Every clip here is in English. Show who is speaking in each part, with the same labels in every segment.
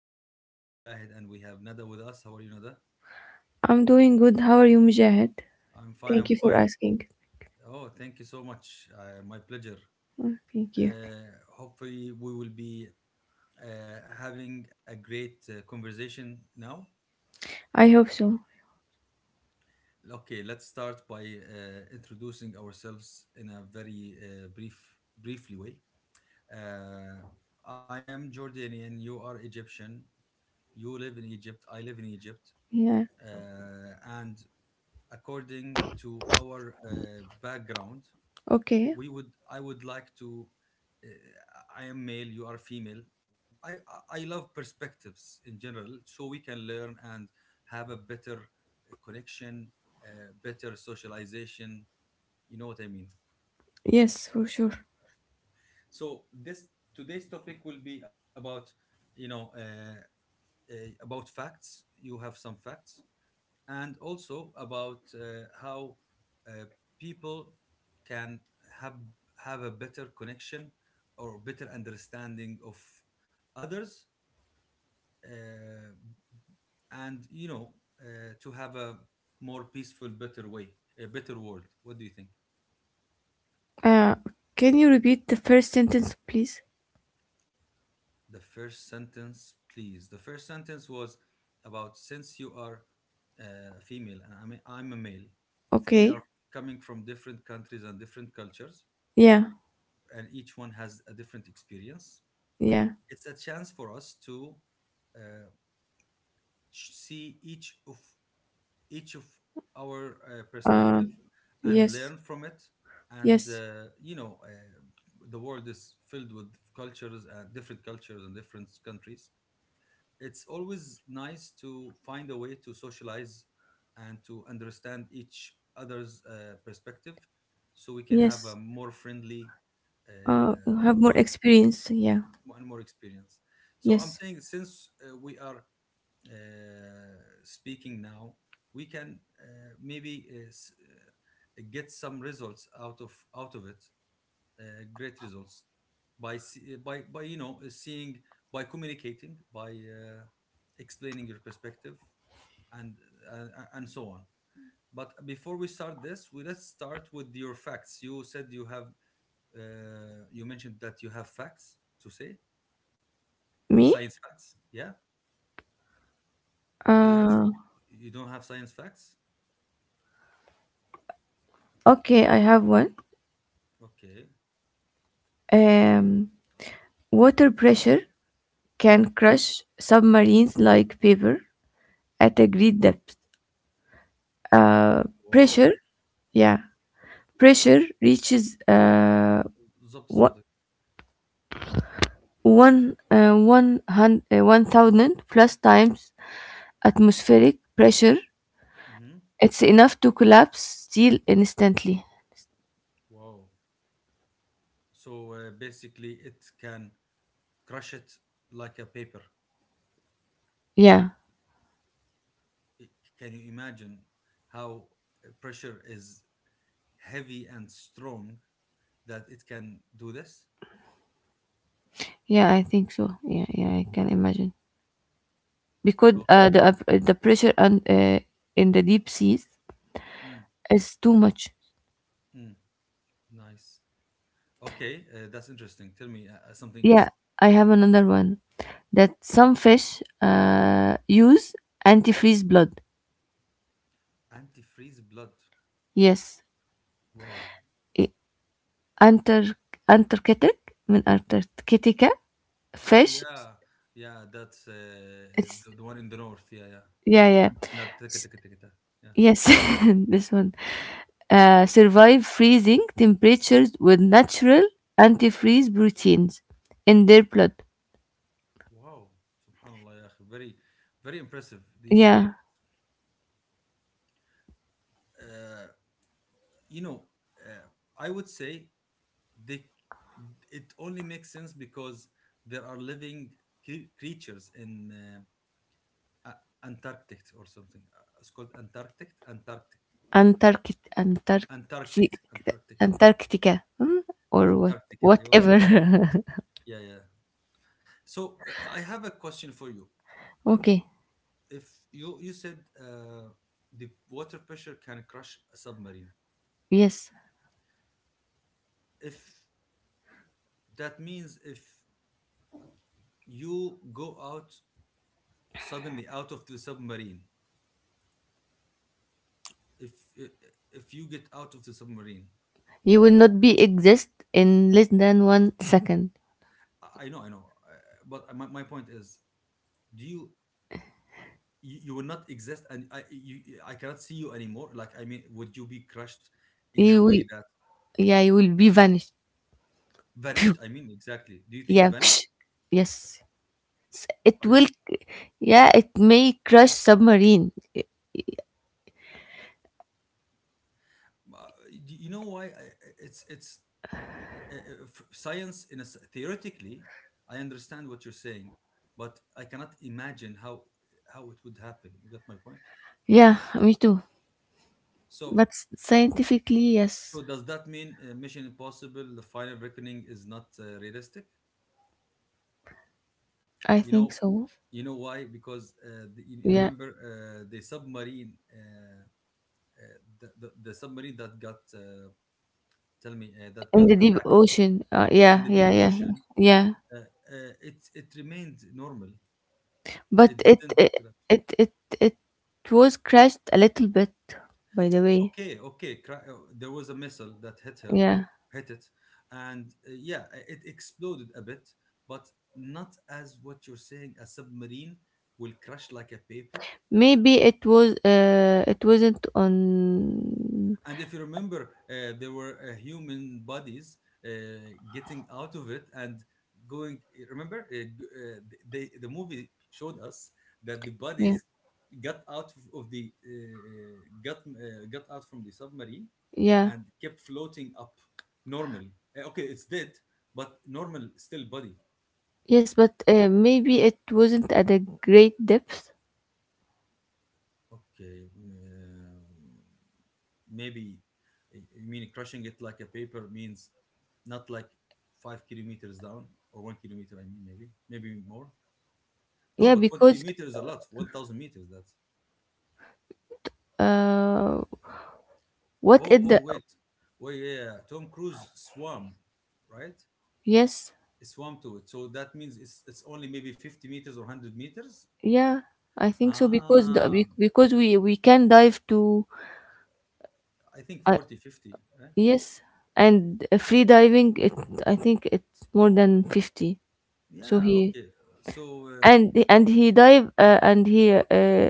Speaker 1: My name is Mujahid, and we have Nada with us. How are you, Nada?
Speaker 2: I'm doing good. How are you, Mujahid?
Speaker 1: I'm
Speaker 2: Thank you
Speaker 1: fine.
Speaker 2: for
Speaker 1: I'm fine.
Speaker 2: asking.
Speaker 1: Oh, thank you so much. My pleasure.
Speaker 2: Oh, thank you.
Speaker 1: Hopefully, we will be uh, having a great conversation now.
Speaker 2: I hope so.
Speaker 1: Okay, let's start by introducing ourselves in a very brief, briefly way. Uh, I am Jordanian. You are Egyptian. You live in Egypt. I live in Egypt.
Speaker 2: Yeah.
Speaker 1: And according to our background,
Speaker 2: Okay.
Speaker 1: we would I would like to. uh, I am male, you are female. I love perspectives in general, so we can learn and have a better connection, better socialization. You know what I mean?
Speaker 2: Yes, for sure.
Speaker 1: So, this today's topic will be you know uh, uh, about facts. You have some facts, and also about how uh, people can have have a better connection or better understanding of others. Uh, and you know uh, to have a more peaceful, better way, a better world. What do you think?
Speaker 2: Uh, can you repeat the first sentence, please?
Speaker 1: The first sentence, please. The first sentence was about, since you are uh, female and I'm a male. We are
Speaker 2: Okay.
Speaker 1: coming from different countries and different cultures,
Speaker 2: Yeah.
Speaker 1: and each one has a different experience.
Speaker 2: Yeah.
Speaker 1: It's a chance for us to uh, see each of our
Speaker 2: Uh,
Speaker 1: perspective and
Speaker 2: yes.
Speaker 1: learn from it. And
Speaker 2: Yes.
Speaker 1: the world is filled with cultures, and different cultures and different countries. It's always nice to find a way to socialize and to understand each other's perspective, so we can have a
Speaker 2: Yes.
Speaker 1: more friendly, uh,
Speaker 2: You have more
Speaker 1: world.
Speaker 2: experience. Yeah.
Speaker 1: One more experience. So I'm
Speaker 2: Yes.
Speaker 1: saying, since we are uh, speaking now, we can maybe get some results out of it, great results by seeing, by communicating, by explaining your perspective, and uh, and so on. But before we start this, we let's start with your facts. You said you have. You mentioned that you have facts to say.
Speaker 2: Me?
Speaker 1: Science facts. Yeah. Do you have?
Speaker 2: Uh,
Speaker 1: You don't have science facts?
Speaker 2: okay. I have one.
Speaker 1: Okay.
Speaker 2: Um, Water pressure can
Speaker 1: Okay.
Speaker 2: crush submarines like paper at a great depth. Uh,
Speaker 1: Wow.
Speaker 2: pressure Yeah, pressure reaches
Speaker 1: بالظبط
Speaker 2: wha-
Speaker 1: صادق.
Speaker 2: 100 1,000 plus times atmospheric pressure.
Speaker 1: Mm-hmm.
Speaker 2: It's enough to collapse steel instantly.
Speaker 1: Wow. So basically, it can crush it like a paper.
Speaker 2: Yeah,
Speaker 1: It- can you imagine how pressure is heavy and strong, that it can do this?
Speaker 2: yeah, I think so. Yeah, yeah, I can imagine, because
Speaker 1: Okay.
Speaker 2: the pressure, and in the deep seas
Speaker 1: Mm,
Speaker 2: is too much.
Speaker 1: mm, Nice. Okay, that's interesting. Tell me something else.
Speaker 2: Yeah, I have another one, that some fish use antifreeze blood.
Speaker 1: Antifreeze blood.
Speaker 2: Yes.
Speaker 1: Wow.
Speaker 2: i- Antar Antarctic? من Antarctica. Fish.
Speaker 1: Yeah, yeah, that's
Speaker 2: It's
Speaker 1: the one in the north. Yeah, yeah.
Speaker 2: Yeah, yeah.
Speaker 1: Nartika-
Speaker 2: S-
Speaker 1: tika- Yeah.
Speaker 2: Yes, this one. Survive freezing temperatures with natural antifreeze proteins in their blood.
Speaker 1: Wow. Subhanallah, ya akhi. Very, very impressive. These creatures.
Speaker 2: Yeah,
Speaker 1: Uh, you know, uh, I would say they. It only makes sense because there are living creatures in Antarctic or something. It's called Antarctic, Antarctic,
Speaker 2: Antarctic, Antarctic,
Speaker 1: Antarctic, Antarctic. Yeah.
Speaker 2: Antarctica, hmm? Or what,
Speaker 1: Antarctica. ايوه
Speaker 2: whatever.
Speaker 1: Yeah, yeah. So I have a question for you.
Speaker 2: Okay.
Speaker 1: If you said, the water pressure can crush a submarine,
Speaker 2: Yes,
Speaker 1: if that means, if you go out, suddenly out of the submarine, if if you get out of the submarine.
Speaker 2: you will not be exist in less than 1 second.
Speaker 1: I know, I know, but my point is, do you, you will not exist, and I cannot see you anymore, like I mean, would you be crushed in a
Speaker 2: You
Speaker 1: way
Speaker 2: will,
Speaker 1: that
Speaker 2: yeah, you will be vanished.
Speaker 1: vanished, I mean, exactly? Do you think
Speaker 2: Yeah.
Speaker 1: vanished?
Speaker 2: Psh, yes. S- It
Speaker 1: Are you
Speaker 2: will,
Speaker 1: sure?
Speaker 2: yeah, it may crush submarine.
Speaker 1: Uh, do you know why, it's uh, uh, science in a, theoretically, I understand what you're saying, but I cannot imagine how, it would happen. You got my point?
Speaker 2: Yeah, me too.
Speaker 1: So,
Speaker 2: But scientifically, yes,
Speaker 1: does that mean, Mission Impossible: The Final Reckoning is not realistic?
Speaker 2: I
Speaker 1: You
Speaker 2: think
Speaker 1: know,
Speaker 2: so.
Speaker 1: you know why? Because you
Speaker 2: Yeah,
Speaker 1: remember the submarine, the submarine that got tell me that
Speaker 2: in
Speaker 1: got
Speaker 2: the deep
Speaker 1: attacked
Speaker 2: ocean.
Speaker 1: in
Speaker 2: Yeah,
Speaker 1: the
Speaker 2: yeah,
Speaker 1: deep
Speaker 2: yeah, yeah.
Speaker 1: ocean,
Speaker 2: Yeah.
Speaker 1: uh, uh, it remained normal. It
Speaker 2: But
Speaker 1: didn't.
Speaker 2: it, it, it was crashed a little bit, by the
Speaker 1: Yeah,
Speaker 2: way.
Speaker 1: okay, okay, there was a missile that hit her,
Speaker 2: Yeah.
Speaker 1: hit it, and yeah, it exploded a bit, but not as what you're saying. A submarine will crash like a paper.
Speaker 2: Maybe it wasn't on,
Speaker 1: And if you remember, there were human bodies uh, getting out of it, and going. Remember, the movie showed us that the
Speaker 2: yeah,
Speaker 1: bodies got out of the got out from the submarine,
Speaker 2: yeah.
Speaker 1: and kept floating up, normal. Okay, it's dead, but normal, still body.
Speaker 2: Yes, but maybe it wasn't at a great depth.
Speaker 1: Okay, maybe you mean crushing it like a paper means not like 5 km down, or 1 km. I mean, maybe more. No,
Speaker 2: Yeah,
Speaker 1: but one
Speaker 2: because
Speaker 1: kilometer is a lot. 1,000 meters. That's.
Speaker 2: uh what
Speaker 1: Oh,
Speaker 2: is
Speaker 1: oh,
Speaker 2: the.
Speaker 1: wait, wait. Yeah, yeah, Tom Cruise swam, right?
Speaker 2: Yes.
Speaker 1: He swam to it. So that means it's only maybe 50 meters or hundred meters.
Speaker 2: Yeah, I think so, because
Speaker 1: Ah,
Speaker 2: because we can dive to.
Speaker 1: I think
Speaker 2: uh,
Speaker 1: 40, 50. Right?
Speaker 2: yes. And free diving, it I think it's more than 50. So
Speaker 1: Yeah,
Speaker 2: he
Speaker 1: okay. So.
Speaker 2: and he dive and he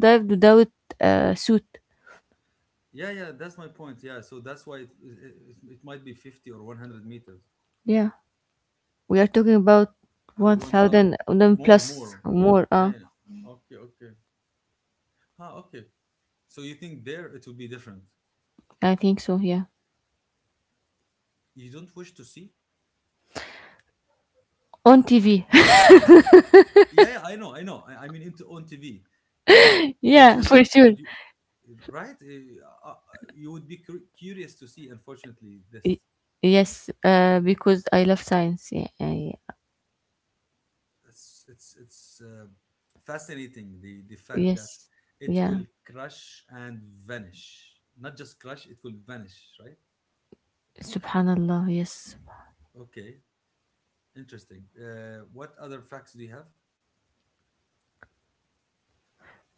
Speaker 2: dived without suit.
Speaker 1: Yeah, yeah, that's my point. Yeah, so that's why it might be 50 or 100 meters.
Speaker 2: Yeah, we are talking about
Speaker 1: Uh, one thou-
Speaker 2: 1,000 and then
Speaker 1: More,
Speaker 2: plus
Speaker 1: more.
Speaker 2: more
Speaker 1: Yeah, yeah. Okay, okay. Huh, okay. So you think there it would be different?
Speaker 2: I think so. Yeah.
Speaker 1: You don't wish to see?
Speaker 2: On TV.
Speaker 1: Yeah, yeah, I know, I know. I mean, into, on TV. Uh, uh, would
Speaker 2: Yeah,
Speaker 1: you
Speaker 2: for
Speaker 1: like?
Speaker 2: sure.
Speaker 1: Would you? Right? You would be curious to see. Unfortunately, this.
Speaker 2: Y- Yes, because I love science. Yeah, yeah.
Speaker 1: It's fascinating, the fact that
Speaker 2: Yes,
Speaker 1: it
Speaker 2: yeah.
Speaker 1: will crush and vanish. Not just crush, it will vanish, right?
Speaker 2: Subhanallah. Yes.
Speaker 1: Okay, interesting. What other facts do you have?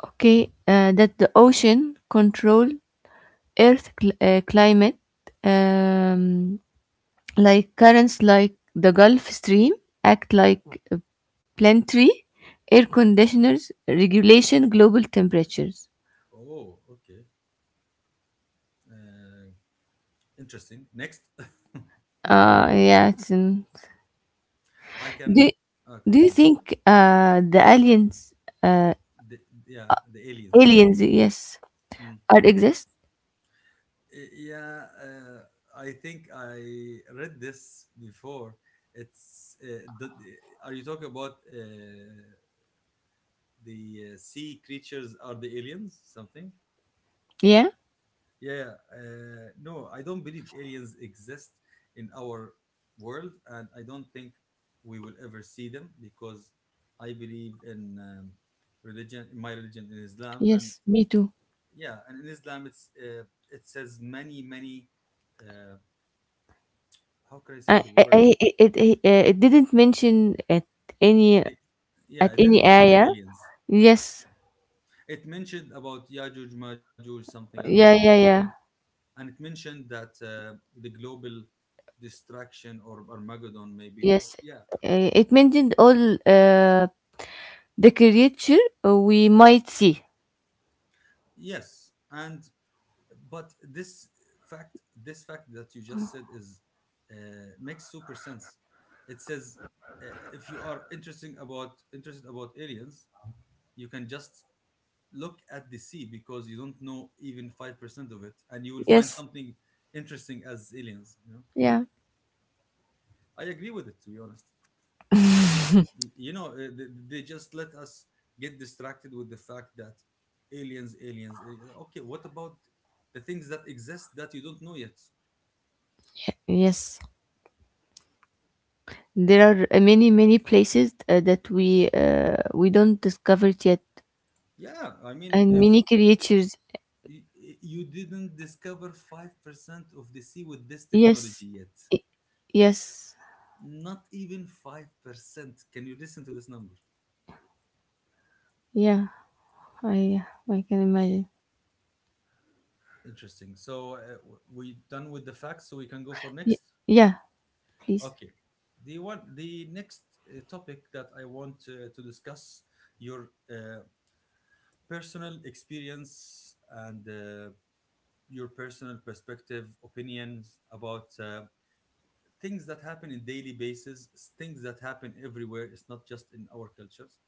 Speaker 2: Okay. That the ocean control Earth climate, um, like currents, like the Gulf Stream, act like a planetary air conditioners regulation global temperatures.
Speaker 1: Oh, okay. uh, Interesting. Next.
Speaker 2: Yeah. It's in,
Speaker 1: I
Speaker 2: do.
Speaker 1: can Oh, okay,
Speaker 2: Do you
Speaker 1: then.
Speaker 2: think the aliens, uh,
Speaker 1: the, yeah, the aliens.
Speaker 2: aliens, yes,
Speaker 1: Mm.
Speaker 2: are exist?
Speaker 1: Yeah, I think I read this before. it's uh, the, the- are you talking about the sea creatures are the aliens, something?
Speaker 2: Yeah.
Speaker 1: Yeah, yeah. No, I don't believe aliens exist in our world, and I don't think we will ever see them, because I believe in religion, in my religion, in Islam. And
Speaker 2: Yes, me too.
Speaker 1: yeah, and in Islam, it's it says many, many, uh, how can I say the
Speaker 2: I
Speaker 1: word?
Speaker 2: it, it, it, it didn't mention at any
Speaker 1: it, yeah, it didn't
Speaker 2: any
Speaker 1: mention the
Speaker 2: area.
Speaker 1: aliens.
Speaker 2: Yes.
Speaker 1: It mentioned about yajuj majuj, something I don't know
Speaker 2: Yeah,
Speaker 1: how
Speaker 2: yeah,
Speaker 1: to.
Speaker 2: yeah.
Speaker 1: And it mentioned that the global destruction, or Armageddon, maybe. Or,
Speaker 2: Yes.
Speaker 1: yeah.
Speaker 2: It mentioned all the creature we might see.
Speaker 1: Yes. And but this fact that you just said is, uh, makes super sense. It says, uh, if you are interesting about interested about aliens, you can just look at the sea, because you don't know even 5% of it, and you will find
Speaker 2: Yes.
Speaker 1: something interesting as aliens. You know,
Speaker 2: Yeah.
Speaker 1: I agree with it, to be honest. You you know, they just let us get distracted with the fact that aliens, aliens, eh, okay, what about the things that exist that you don't know yet?
Speaker 2: Yes. There are many many places that we don't discover yet,
Speaker 1: Yeah, I mean,
Speaker 2: and
Speaker 1: if
Speaker 2: many creatures.
Speaker 1: y- you didn't discover 5% of the sea with this
Speaker 2: Yes.
Speaker 1: technology yet,
Speaker 2: I- Yes.
Speaker 1: not even 5%. Can you listen to this number?
Speaker 2: Yeah. I I can imagine.
Speaker 1: Interesting. So we done with the facts, so we can go for
Speaker 2: Y-
Speaker 1: next.
Speaker 2: yeah. Please.
Speaker 1: Okay, the next topic that I want to discuss your personal experience, and your personal perspective, opinions about things that happen in daily basis, things that happen everywhere. It's not just in our cultures.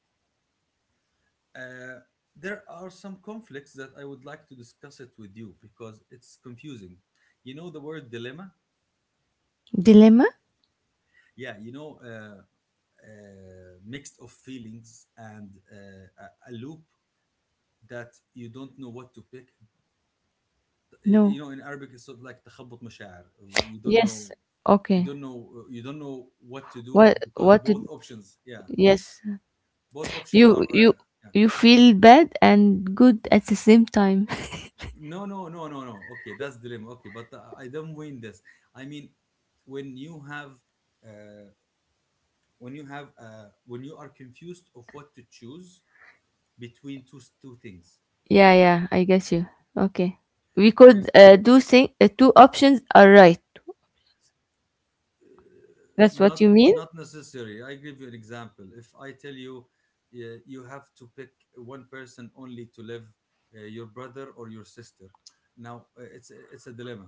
Speaker 1: Uh, there are some conflicts that I would like to discuss it with you, because it's confusing. You know the word dilemma?
Speaker 2: Dilemma?
Speaker 1: Yeah, you know, uh, mixed of feelings, and a loop that you don't know what to pick.
Speaker 2: No.
Speaker 1: You know, in Arabic, it's sort of like تخبط مشاعر. You don't
Speaker 2: Yes.
Speaker 1: know, you
Speaker 2: Okay.
Speaker 1: don't know, you don't know what to do,
Speaker 2: What
Speaker 1: because
Speaker 2: what did.
Speaker 1: both options, yeah,
Speaker 2: Yes.
Speaker 1: both options are,
Speaker 2: You you
Speaker 1: yeah.
Speaker 2: you feel bad and good at the same time.
Speaker 1: No, no, no, no, no. Okay, that's dilemma. Okay, but I don't win this. I mean, when you have, uh, when you have, when you are confused of what to choose between two things.
Speaker 2: Yeah, yeah, I get you. Okay. We
Speaker 1: For
Speaker 2: could do thing two options are right. That's what
Speaker 1: not,
Speaker 2: you mean?
Speaker 1: not necessary. I give you an example. If I tell you, you have to pick one person only to live, your brother or your sister. Now it's a dilemma.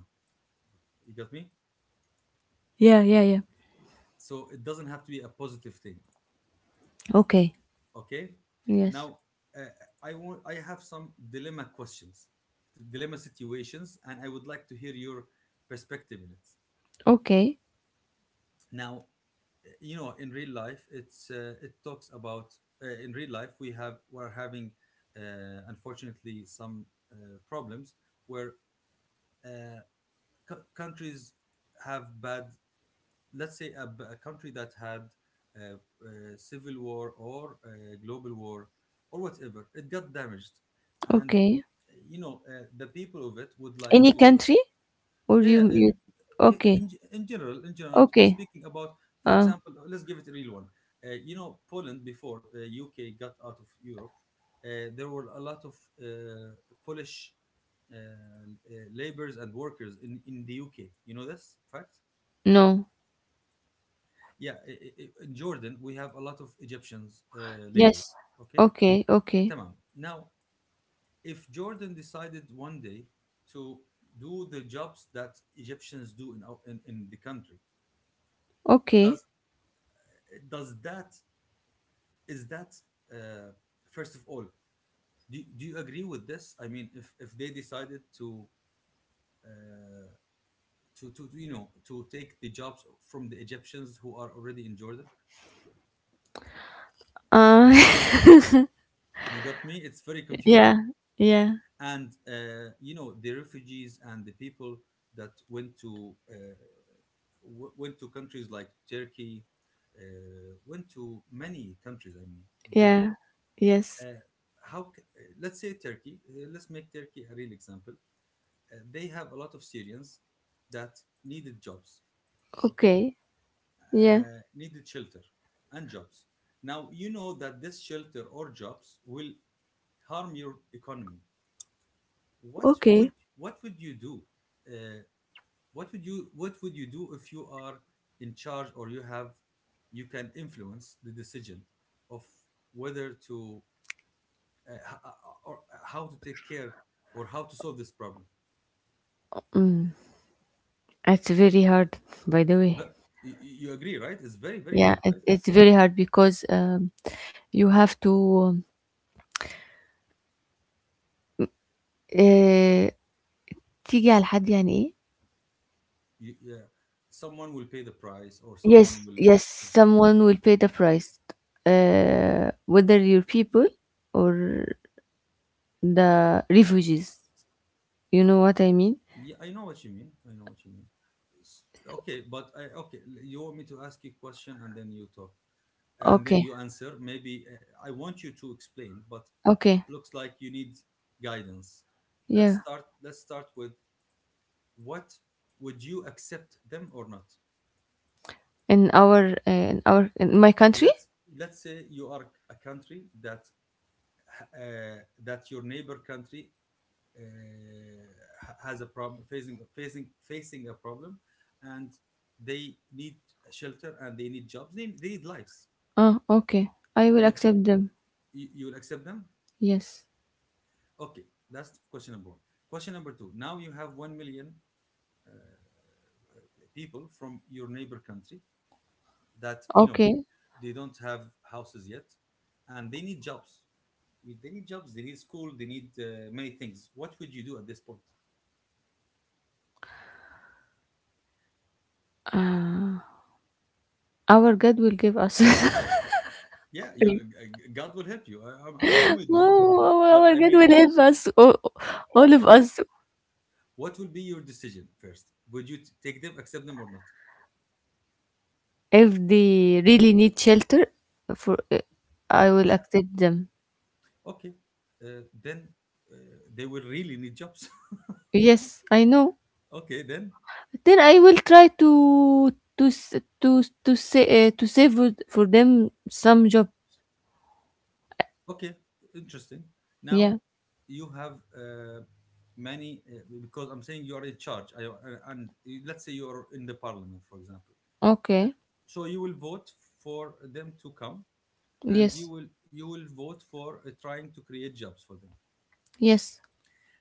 Speaker 1: You got me?
Speaker 2: Yeah, yeah, yeah.
Speaker 1: So it doesn't have to be a positive thing.
Speaker 2: Okay.
Speaker 1: Okay.
Speaker 2: Yes.
Speaker 1: Now uh, I have some dilemma questions, dilemma situations, and I would like to hear your perspective in it.
Speaker 2: Okay.
Speaker 1: Now, you know, in real life, it talks about, in real life, we're having unfortunately some problems, where uh, countries have bad. Let's say a country that had civil war or global war, or whatever, it got damaged. And
Speaker 2: Okay.
Speaker 1: you know, the people of it would like
Speaker 2: Any
Speaker 1: to.
Speaker 2: country? Or
Speaker 1: Yeah,
Speaker 2: you.
Speaker 1: yeah,
Speaker 2: Okay.
Speaker 1: in general, in general, I'm
Speaker 2: Okay.
Speaker 1: speaking about. For
Speaker 2: Uh
Speaker 1: example, let's give it a real one. You know, Poland, before UK got out of Europe, there were a lot of uh, Polish uh, uh, laborers and workers in the UK. You know this fact?
Speaker 2: no.
Speaker 1: Yeah, in Jordan, we have a lot of Egyptians laborers.
Speaker 2: Yes.
Speaker 1: Okay,
Speaker 2: Okay, okay.
Speaker 1: tamam. Now, if Jordan decided one day to do the jobs that Egyptians do in the country,
Speaker 2: Okay.
Speaker 1: does does that is that uh, first of all, do you agree with this? I mean, if they decided to uh, to to take the jobs from the Egyptians who are already in Jordan.
Speaker 2: Uh
Speaker 1: You got me? It's very confusing.
Speaker 2: yeah. Yeah.
Speaker 1: And you know, the refugees and the people that went to went to countries like Turkey, went to many countries, I mean, in general.
Speaker 2: Yeah. Yes.
Speaker 1: uh, let's say Turkey, let's make Turkey a real example. They have a lot of Syrians that needed jobs, okay,
Speaker 2: Okay. Yeah.
Speaker 1: needed shelter and jobs. Now, you know that this shelter or jobs will harm your economy.
Speaker 2: Okay.
Speaker 1: What would you do? Uh, what would you do if you are in charge, or you have, you can influence the decision of whether to h- or how to take care or how to solve this problem?
Speaker 2: Mm. It's very hard, by the way.
Speaker 1: But you agree, right? It's very, very
Speaker 2: Yeah,
Speaker 1: hard,
Speaker 2: it,
Speaker 1: right?
Speaker 2: it's very hard, because you have to uh, تيجي على حد يعني ايه.
Speaker 1: Yeah, someone will pay the price, or
Speaker 2: Yes,
Speaker 1: someone will.
Speaker 2: yes, someone will pay the price, whether your people or the refugees, you know what I mean.
Speaker 1: Yeah, I know what you mean. I know what you mean. Okay, but okay, you want me to ask you a question and then you talk and then
Speaker 2: Okay,
Speaker 1: you answer. Maybe I want you to explain, but
Speaker 2: okay.
Speaker 1: it looks like you need guidance. Let's
Speaker 2: Yeah.
Speaker 1: start. Let's start with what, would you accept them or not?
Speaker 2: In my country.
Speaker 1: Let's let's say you are a country that that your neighbor country uh, has a problem, facing a problem, and they need shelter and they need jobs, they need lives.
Speaker 2: Oh, okay, I will
Speaker 1: Would you,
Speaker 2: accept them.
Speaker 1: you you will accept them?
Speaker 2: Yes.
Speaker 1: Okay, that's question number one. Question number two, now you have 1 million people from your neighbor country that you know,
Speaker 2: Okay.
Speaker 1: they don't have houses yet and they need jobs. They need school, they need many things. What would you do at this point?
Speaker 2: Uh, our God will give us.
Speaker 1: Yeah, you God will help you, I'm with you,
Speaker 2: No,
Speaker 1: but
Speaker 2: our
Speaker 1: I
Speaker 2: God will
Speaker 1: mean,
Speaker 2: help us, all of
Speaker 1: What,
Speaker 2: us.
Speaker 1: what will be your decision first? Would you take them, accept them, or not?
Speaker 2: If they really need shelter. For I will
Speaker 1: Yeah,
Speaker 2: accept them.
Speaker 1: okay. Then uh, they will really need jobs.
Speaker 2: Yes, I know.
Speaker 1: okay, then,
Speaker 2: Then I will try to say to save with- for them some job.
Speaker 1: okay, interesting.
Speaker 2: Yeah.
Speaker 1: Now you have many, because I'm saying you are in charge, and let's say you are in the parliament, for example. Uh,
Speaker 2: Okay.
Speaker 1: so you will vote for them to come, and
Speaker 2: Yes.
Speaker 1: you will vote for trying to create jobs for them.
Speaker 2: Yes.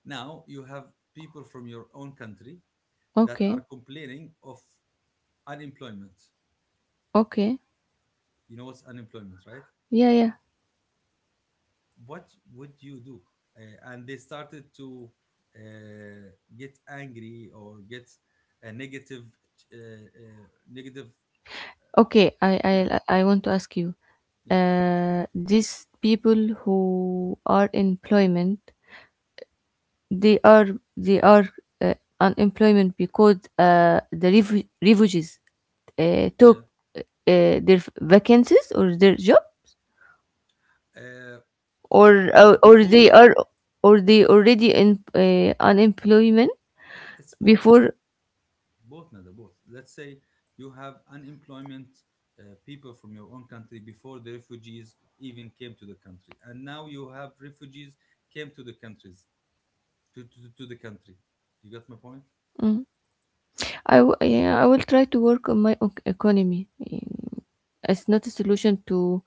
Speaker 1: Now you have people from your own country that are
Speaker 2: Okay.
Speaker 1: complaining of unemployment.
Speaker 2: Okay.
Speaker 1: You know what's unemployment, right?
Speaker 2: Yeah. Yeah.
Speaker 1: What would you do? And they started to uh, get angry or get a negative, negative.
Speaker 2: Okay. I I
Speaker 1: Yeah,
Speaker 2: I want to ask you.
Speaker 1: yeah,
Speaker 2: These people who are employment, they are they are uh, unemployment, because the refugees took
Speaker 1: yeah.
Speaker 2: their vacancies or their job.
Speaker 1: Uh,
Speaker 2: Or
Speaker 1: okay.
Speaker 2: or
Speaker 1: Before
Speaker 2: they
Speaker 1: you,
Speaker 2: are, or they already in unemployment
Speaker 1: it's both, both,
Speaker 2: before.
Speaker 1: both, Nada, both. Let's say you have unemployment, people from your own country before the refugees even came to the country, and now you have refugees came to the countries, to the country. You got my point?
Speaker 2: Mm. Yeah, I will try to work on my economy. Mm, it's not a solution to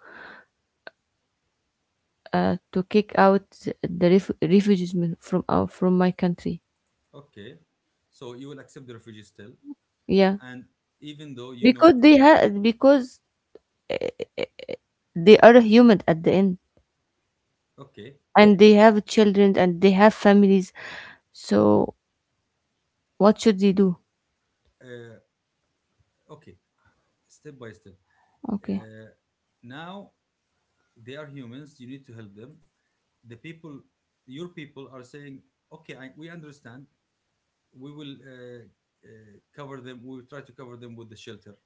Speaker 2: to kick out the refugees from from my country.
Speaker 1: Okay. So you will accept the refugee still.
Speaker 2: Yeah.
Speaker 1: And even though you
Speaker 2: Because
Speaker 1: know it,
Speaker 2: they have because they are human at the end,
Speaker 1: okay,
Speaker 2: and they have children and they have families. So what should they do?
Speaker 1: uh, okay, step by step.
Speaker 2: Okay,
Speaker 1: Uh, Now they are humans, you need to help them. The people, your people are saying, okay, we understand. We will cover them, we will try to cover them with the shelter.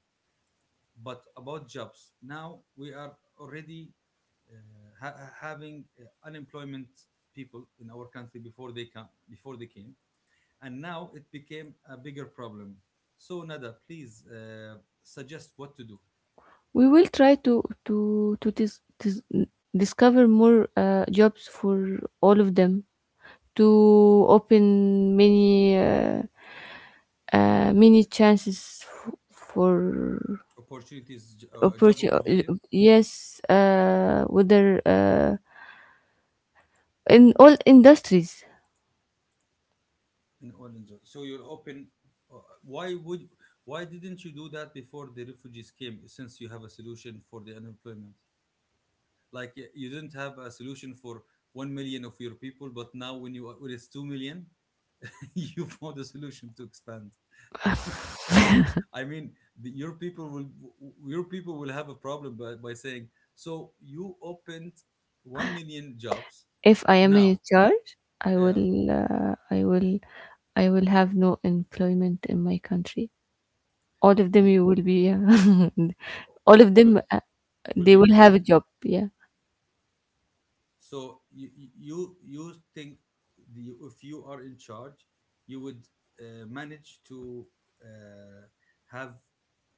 Speaker 1: But about jobs, now we are already uh, having unemployment people in our country before they come, before they came, and now it became a bigger problem. So Nada, please, suggest what to do.
Speaker 2: we will try to discover more jobs for all of them, to open many many chances for
Speaker 1: Opportunities, job
Speaker 2: opportunity.
Speaker 1: opportunities
Speaker 2: Yes. Whether in all industries.
Speaker 1: in oil and gas. So you're open. uh, why would why didn't you do that before the refugees came, since you have a solution for the unemployment? You didn't have a solution for 1 million of your people, but now when you, when it's 2 million, you found a solution to expand. I mean, your people will your people will have a problem by saying, so you opened 1 million jobs
Speaker 2: If I am in
Speaker 1: now.
Speaker 2: charge,
Speaker 1: Yeah.
Speaker 2: I will have no employment in my country. All of them,
Speaker 1: you
Speaker 2: you will be,
Speaker 1: o-
Speaker 2: all
Speaker 1: o-
Speaker 2: of
Speaker 1: all
Speaker 2: them,
Speaker 1: of- Will
Speaker 2: they
Speaker 1: be
Speaker 2: will have a
Speaker 1: employed.
Speaker 2: job. Yeah.
Speaker 1: So you, you think, the, if you are in charge, you would manage to uh, have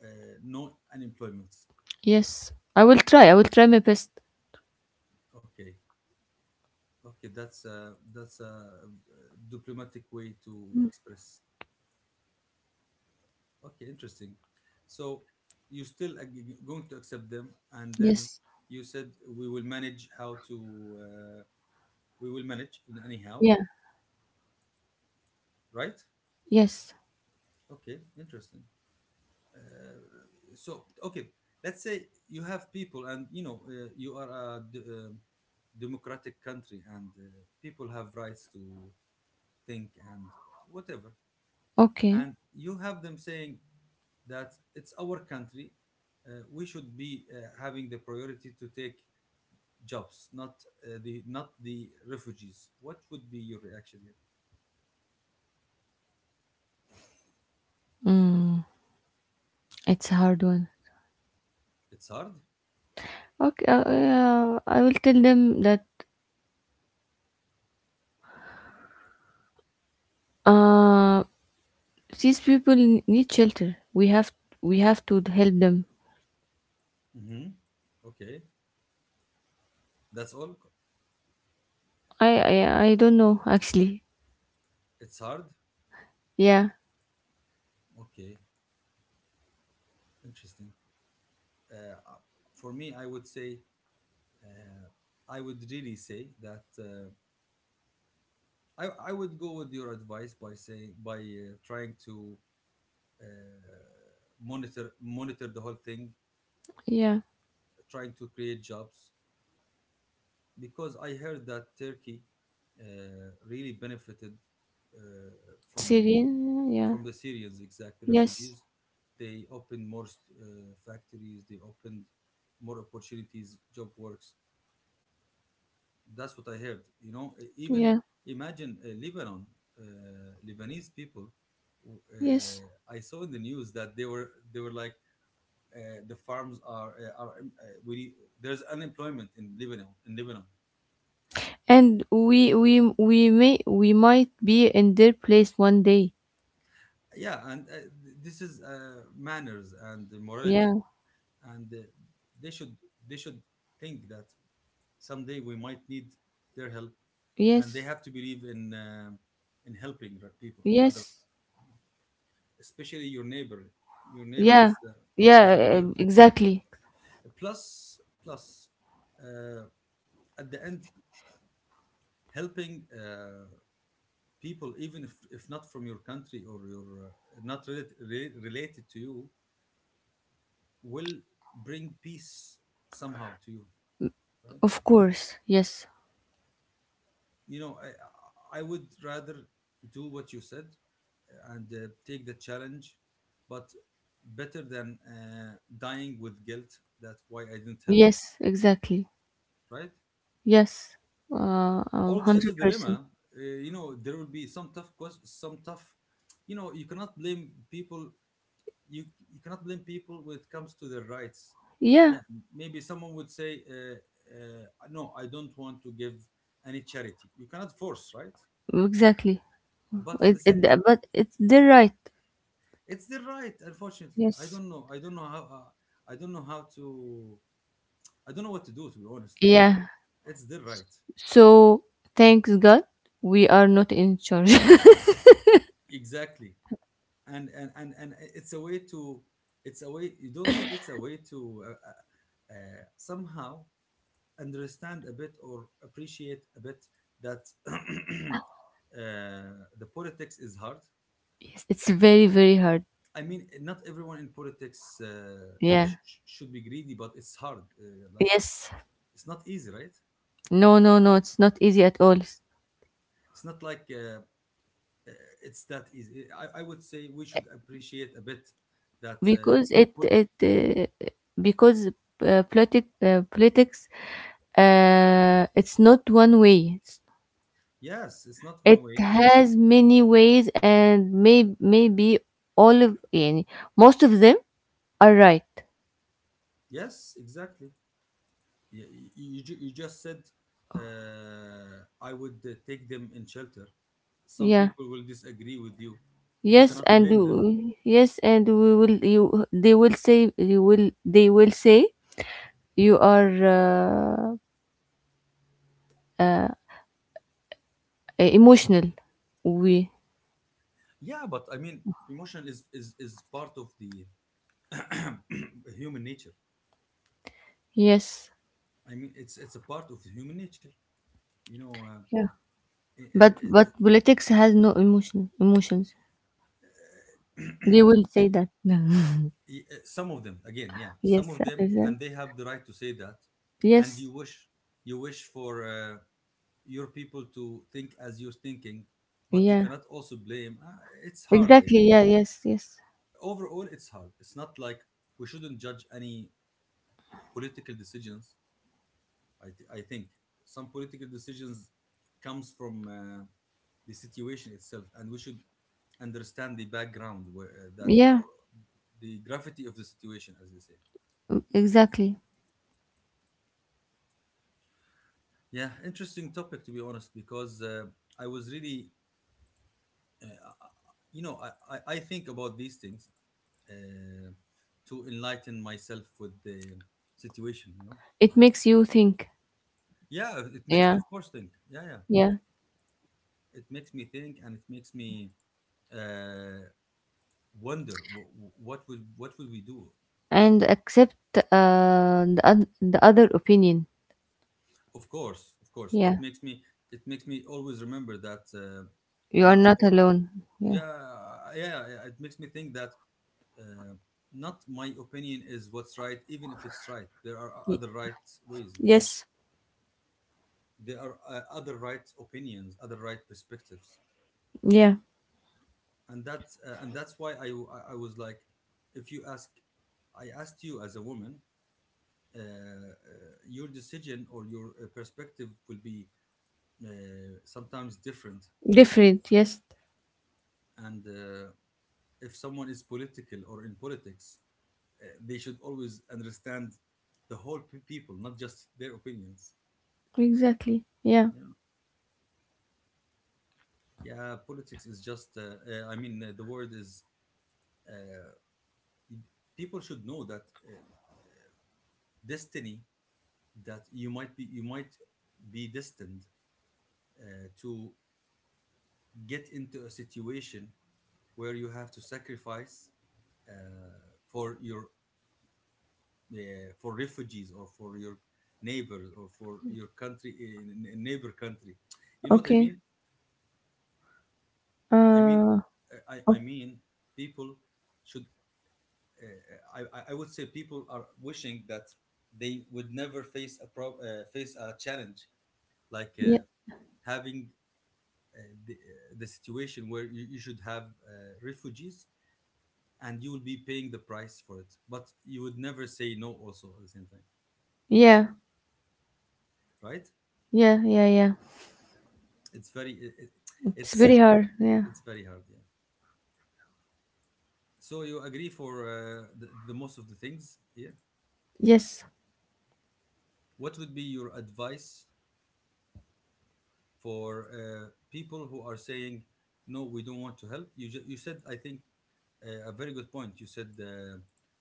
Speaker 1: uh, no unemployment.
Speaker 2: Yes, I will try. I will try my best.
Speaker 1: Okay, okay, that's a, that's a, uh, diplomatic way to express. Okay, interesting. So you still going to accept them, and then
Speaker 2: Yes.
Speaker 1: you said we will manage how to uh, we will manage in anyhow,
Speaker 2: Yeah.
Speaker 1: right?
Speaker 2: Yes.
Speaker 1: Okay, interesting. Uh, so okay, let's say you have people, and you know you are a democratic country, and people have rights to think and whatever,
Speaker 2: Okay.
Speaker 1: and you have them saying that it's our country, we should be having the priority to take jobs, not the not the refugees. What would be your reaction here?
Speaker 2: Mm, it's a hard one.
Speaker 1: It's hard.
Speaker 2: Okay. I will tell them that uh, these people need shelter. We have, we have to help them.
Speaker 1: Hmm, okay, that's all.
Speaker 2: I don't know actually.
Speaker 1: It's hard.
Speaker 2: Yeah.
Speaker 1: Okay, interesting. uh, for me, I would say, uh, I would really say that I would go with your advice by saying, by trying to uh, monitor the whole thing,
Speaker 2: Yeah.
Speaker 1: trying to create jobs, because I heard that Turkey really benefited uh, from
Speaker 2: Serene. Yeah.
Speaker 1: from the Syrians, exactly,
Speaker 2: Yes.
Speaker 1: refugees. They opened more factories. They opened more opportunities, job works. That's what I heard. You know, even
Speaker 2: Yeah.
Speaker 1: imagine Lebanon, uh, Lebanese people.
Speaker 2: Yes.
Speaker 1: I saw in the news that they were like the farms are we there's unemployment in Lebanon, in Lebanon.
Speaker 2: And we might be in their place one day.
Speaker 1: Yeah, and this is manners and
Speaker 2: Yeah.
Speaker 1: morality, and they should, they should think that someday we might need their help, and they
Speaker 2: Yes.
Speaker 1: have to believe in helping the people, other,
Speaker 2: Yes.
Speaker 1: especially your neighbor. Your neighbor
Speaker 2: Yeah.
Speaker 1: is the, is a
Speaker 2: Yeah.
Speaker 1: priority.
Speaker 2: Exactly.
Speaker 1: Plus, plus, uh, at the end, helping people, even if not from your country, or your not relate, re- related to you, will bring peace somehow to you, right?
Speaker 2: Of course. Yes.
Speaker 1: You know, I would rather do what you said and take the challenge, but better than dying with guilt that why I didn't help,
Speaker 2: Yes. Exactly.
Speaker 1: right?
Speaker 2: Yes.
Speaker 1: Although it's a
Speaker 2: 100%.
Speaker 1: dilemma, you know, there will be some tough questions, some tough, you know, you cannot blame people. you you cannot blame people when it comes to their rights.
Speaker 2: Yeah.
Speaker 1: Yeah, maybe someone would say no, I don't want to give any charity. You cannot force, right?
Speaker 2: Exactly.
Speaker 1: But at the same time,
Speaker 2: But it's their right.
Speaker 1: it's their right, unfortunately. I
Speaker 2: Yes.
Speaker 1: don't know, I don't know how, I don't know how to, I don't know what to do, to be honest.
Speaker 2: Yeah.
Speaker 1: It's their right.
Speaker 2: So thanks God, we are not in charge.
Speaker 1: Exactly. And it's a way to, it's a way, you don't think it's a way to uh, somehow understand a bit or appreciate a bit that uh, the politics is hard.
Speaker 2: Yes, it's very, very hard.
Speaker 1: I mean, not everyone in politics
Speaker 2: Yeah.
Speaker 1: should be greedy, but it's hard. Like,
Speaker 2: Yes.
Speaker 1: it's not easy, right?
Speaker 2: No, no, no, it's not easy at all.
Speaker 1: It's not like it's that easy. I would say we should appreciate a bit that.
Speaker 2: Because it
Speaker 1: Put,
Speaker 2: it
Speaker 1: yeah.
Speaker 2: because politics it's not one way.
Speaker 1: Yes, it's not one
Speaker 2: It
Speaker 1: way.
Speaker 2: has many ways, and maybe all of any. Most of them are right.
Speaker 1: Yes, exactly. You, you, you just said I would take them in shelter. Some
Speaker 2: Yeah.
Speaker 1: people will disagree with you. You
Speaker 2: Yes,
Speaker 1: cannot
Speaker 2: and
Speaker 1: blame them.
Speaker 2: yes, and we will you they will say, you will they will say you are uh emotional. We.
Speaker 1: Yeah, but I mean, emotion is, is part of the human nature.
Speaker 2: Yes.
Speaker 1: I mean, it's a part of human nature. You know,
Speaker 2: Yeah.
Speaker 1: eh,
Speaker 2: But
Speaker 1: eh, eh,
Speaker 2: politics has no emotions, they will say
Speaker 1: see,
Speaker 2: that.
Speaker 1: some of them, again, yeah,
Speaker 2: Yes,
Speaker 1: some of them, and they have the right to say that. And
Speaker 2: yes.
Speaker 1: you wish, you wish for your people to think as you're thinking, but you
Speaker 2: Yeah,
Speaker 1: cannot also blame. It's hard. I mean,
Speaker 2: exactly. Yeah, yes, yes.
Speaker 1: overall, it's hard. It's not like, we shouldn't judge any political decisions. I think some political decisions comes from the situation itself, and we should understand the background where, that,
Speaker 2: Yeah,
Speaker 1: or the gravity of the situation, as they say.
Speaker 2: exactly,
Speaker 1: Yeah, interesting topic, to be honest, because I was really, uh, uh, you know, I think about these things uh, to enlighten myself with the situation. You know,
Speaker 2: it makes you think.
Speaker 1: yeah, it makes me,
Speaker 2: Yeah,
Speaker 1: of course, think. Yeah, yeah,
Speaker 2: yeah,
Speaker 1: it makes me think, and it makes me. Uh, wonder what would we do.
Speaker 2: and accept the other opinion.
Speaker 1: Of course, of course,
Speaker 2: Yeah,
Speaker 1: it makes me, it makes me always remember that
Speaker 2: you are
Speaker 1: not
Speaker 2: not
Speaker 1: o-
Speaker 2: alone. Yeah.
Speaker 1: yeah, yeah, yeah. It makes me think that uh, not my opinion is what's right, even if it's right. There are
Speaker 2: Y-
Speaker 1: other right ways, you know.
Speaker 2: yes.
Speaker 1: There are other right opinions, other right perspectives.
Speaker 2: Yeah,
Speaker 1: And that's why, I was like, if you ask, I asked you as a woman, uh, uh, your decision or your perspective will be, uh, sometimes different.
Speaker 2: different. Yes,
Speaker 1: And if someone is political or in politics, they should always understand the whole people, not just their opinions.
Speaker 2: exactly. Yeah.
Speaker 1: Yeah. Yeah, politics is just, the word is, uh, it- people should know that destiny, that you might be destined uh, to get into a situation where you have to sacrifice, uh, for your, for refugees, or for your neighbors, or for your country in neighbor country. You know what I
Speaker 2: Okay.
Speaker 1: mean? i mean
Speaker 2: uh
Speaker 1: uh, i i mean people should, I would say people are wishing that they would never face a face a challenge like
Speaker 2: Yeah,
Speaker 1: having uh, the situation where you should have refugees, and you will be paying the price for it, but you would never say no also at the same time,
Speaker 2: yeah,
Speaker 1: right?
Speaker 2: yeah, yeah, yeah.
Speaker 1: It's
Speaker 2: It's
Speaker 1: it's uh,
Speaker 2: very hard. Yeah.
Speaker 1: It's very hard, yeah. So you agree for the most of the things here.
Speaker 2: Yes.
Speaker 1: What would be your advice for people who are saying, "No, we don't want to help"? You you said, I think, a very good point. You said,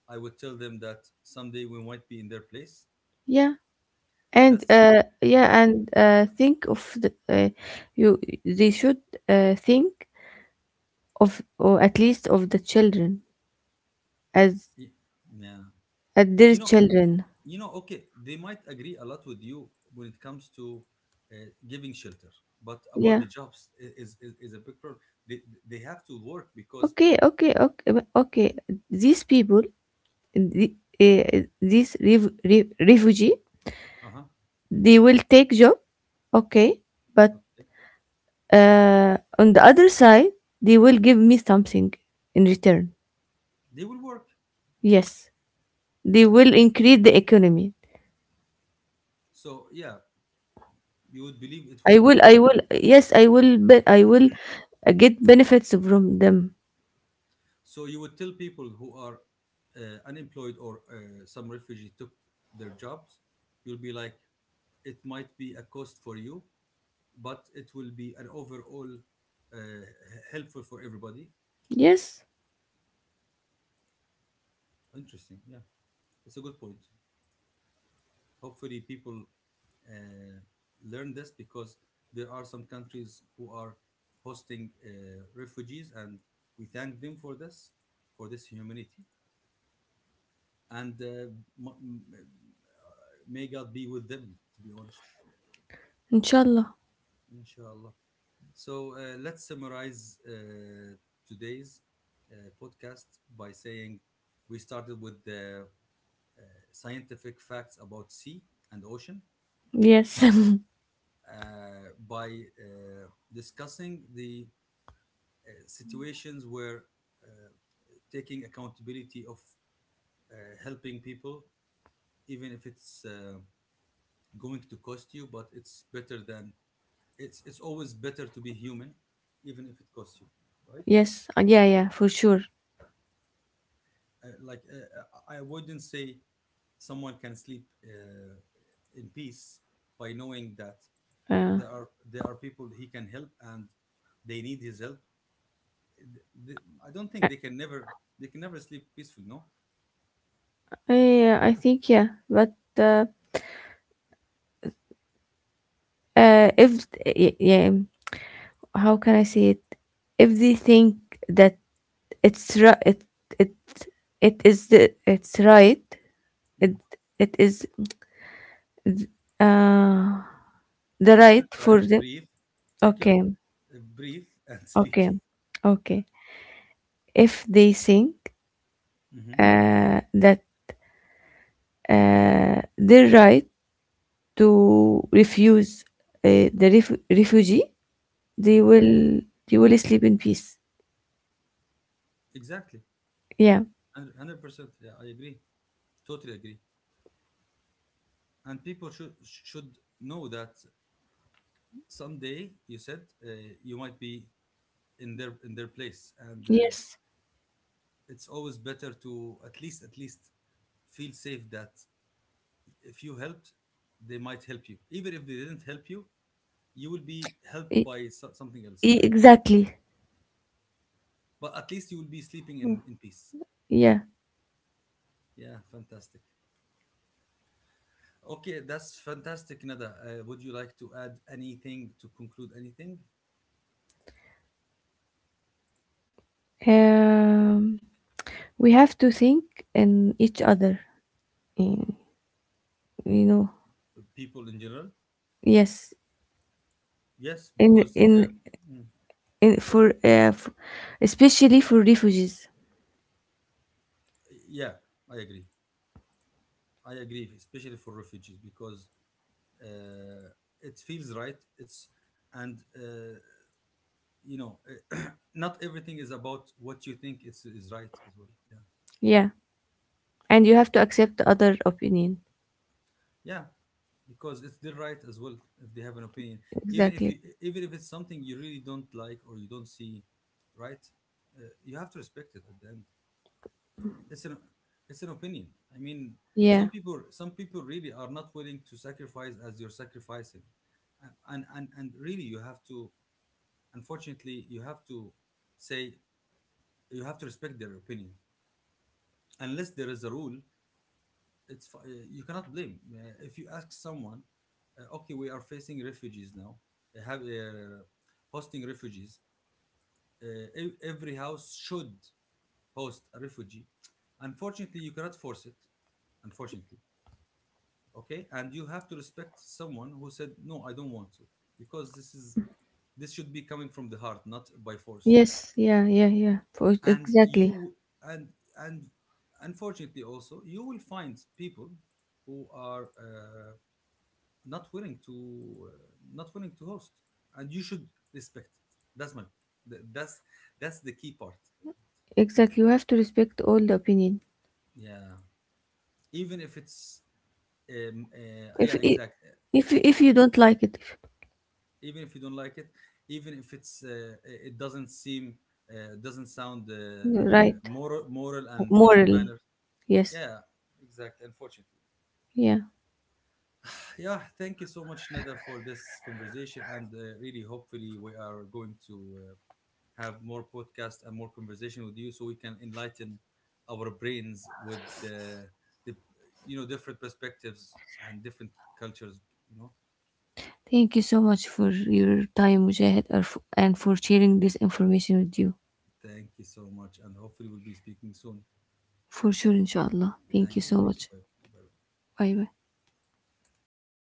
Speaker 1: "I would tell them that someday we might be in their place."
Speaker 2: Yeah. And
Speaker 1: That's
Speaker 2: yeah, and think of the you. They should think of, or at least of the children, as
Speaker 1: yeah. Yeah.
Speaker 2: their
Speaker 1: You know,
Speaker 2: children.
Speaker 1: you know. Okay, they might agree a lot with you when it comes to, uh, giving shelter, but about
Speaker 2: Yeah.
Speaker 1: the jobs is a big problem. They have to work because,
Speaker 2: Okay. Okay. Okay. Okay. These people, the, these refugee,
Speaker 1: uh-huh.
Speaker 2: they will take job. Okay, but
Speaker 1: Okay.
Speaker 2: On the other side, they will give me something in return.
Speaker 1: They will work.
Speaker 2: Yes, they will
Speaker 1: I mean,
Speaker 2: increase the economy.
Speaker 1: so yeah, you would believe it will increase the economy.
Speaker 2: Yes, I will get benefits from them.
Speaker 1: So you would tell people who are unemployed, or some refugee took their jobs, you'll be like, it might be a cost for you, but it will be an overall uh, h- helpful for everybody.
Speaker 2: Yes,
Speaker 1: Interesting. Yeah, it's a good point. Hopefully, people uh, learn this, because there are some countries who are hosting refugees, and we thank them for this humanity. And may God be with them, to be honest,
Speaker 2: inshallah.
Speaker 1: inshallah. So let's summarize today's uh, podcast by saying we started with the scientific facts about sea and ocean.
Speaker 2: Yes,
Speaker 1: By discussing the situations where, uh, taking accountability of, uh, helping people, even if it's going to cost you, but it's better than it's. it's always better to be human, even if it costs you, right?
Speaker 2: yes, yeah, yeah, for sure.
Speaker 1: Like I wouldn't say someone can sleep in peace by knowing that
Speaker 2: Uh,
Speaker 1: there are people he can help and they need his help. the, I don't think they can never sleep peaceful. No.
Speaker 2: I think, yeah, but if, yeah, how can I say it? If they think that it's right, it, it is the, it's right It
Speaker 1: Mm.
Speaker 2: it is uh the
Speaker 1: Take
Speaker 2: right
Speaker 1: your
Speaker 2: for
Speaker 1: time,
Speaker 2: them.
Speaker 1: breathe, take your
Speaker 2: Okay,
Speaker 1: breathe and
Speaker 2: okay,
Speaker 1: speak. Yeah,
Speaker 2: okay. If they think
Speaker 1: hmm
Speaker 2: that their right to refuse the refugee, they
Speaker 1: hmm
Speaker 2: will they will sleep in peace.
Speaker 1: exactly,
Speaker 2: Yeah.
Speaker 1: 100%. Yeah, I agree, totally agree. And people should know that someday you said, you might be in their place, and
Speaker 2: Yes.
Speaker 1: it's always better to at least feel safe that if you helped, they might help you. Even if they didn't help you, you will be helped
Speaker 2: E-
Speaker 1: by something else, right?
Speaker 2: exactly.
Speaker 1: But at least you will be sleeping
Speaker 2: Mm.
Speaker 1: in peace.
Speaker 2: Yeah.
Speaker 1: Yeah, fantastic. Okay, that's fantastic, Nada. Would you like to add anything, to conclude anything?
Speaker 2: Um, we have to think in each other. y- You know.
Speaker 1: People in general?
Speaker 2: Yes.
Speaker 1: Yes,
Speaker 2: In
Speaker 1: because,
Speaker 2: in
Speaker 1: mm,
Speaker 2: in, for uh, f- Especially for refugees.
Speaker 1: yeah, I agree. I agree, especially for refugees, because uh, it feels right. And, uh, you know, not everything is about what you think is right as well. Yeah.
Speaker 2: Yeah, and you have to accept the other opinion.
Speaker 1: Yeah, because it's their right as well if they have an opinion. Even if
Speaker 2: Exactly.
Speaker 1: you, even if it's something you really don't like or you don't see, right? You have to respect it at the end. It's an it's an opinion. I mean,
Speaker 2: Yeah.
Speaker 1: some people really are not willing to sacrifice as you're sacrificing, and and really you have to, unfortunately you have to say, you have to respect their opinion, unless there is a rule. You cannot blame. If you ask someone, okay, we are facing refugees now, have hosting refugees, uh, every house should host a refugee, unfortunately you cannot force it, unfortunately. Okay, and you have to respect someone who said, "No, I don't want to," because this is, this should be coming from the heart, not by force.
Speaker 2: Yes. Yeah. Yeah. Yeah. For,
Speaker 1: And
Speaker 2: exactly.
Speaker 1: you and and unfortunately also, you will find people who are not willing to uh, not willing to host, and you should respect it. That's my th- that's that's the key part.
Speaker 2: Exactly. You have to respect all the opinion.
Speaker 1: Yeah, even if it's um, uh,
Speaker 2: If
Speaker 1: yeah
Speaker 2: I-
Speaker 1: exactly,
Speaker 2: If you don't like it,
Speaker 1: even if you don't like it, even if it doesn't seem, doesn't sound
Speaker 2: right?
Speaker 1: moral, and
Speaker 2: Moral.
Speaker 1: manner.
Speaker 2: Yes.
Speaker 1: Yeah, exactly, unfortunately.
Speaker 2: Yeah.
Speaker 1: Yeah, thank you so much, Nada, for this conversation, and really hopefully we are going to have more podcasts and more conversation with you, so we can enlighten our brains with the, you know, different perspectives, and different cultures, you know.
Speaker 2: Thank you so much for your time, Mujahid, and for sharing this information with you.
Speaker 1: Thank you so much, and hopefully we'll be speaking soon.
Speaker 2: For sure, inshallah. Thank
Speaker 1: Thank
Speaker 2: you
Speaker 1: you,
Speaker 2: so
Speaker 1: thank you,
Speaker 2: much.
Speaker 1: bye. Bye.
Speaker 2: Bye bye.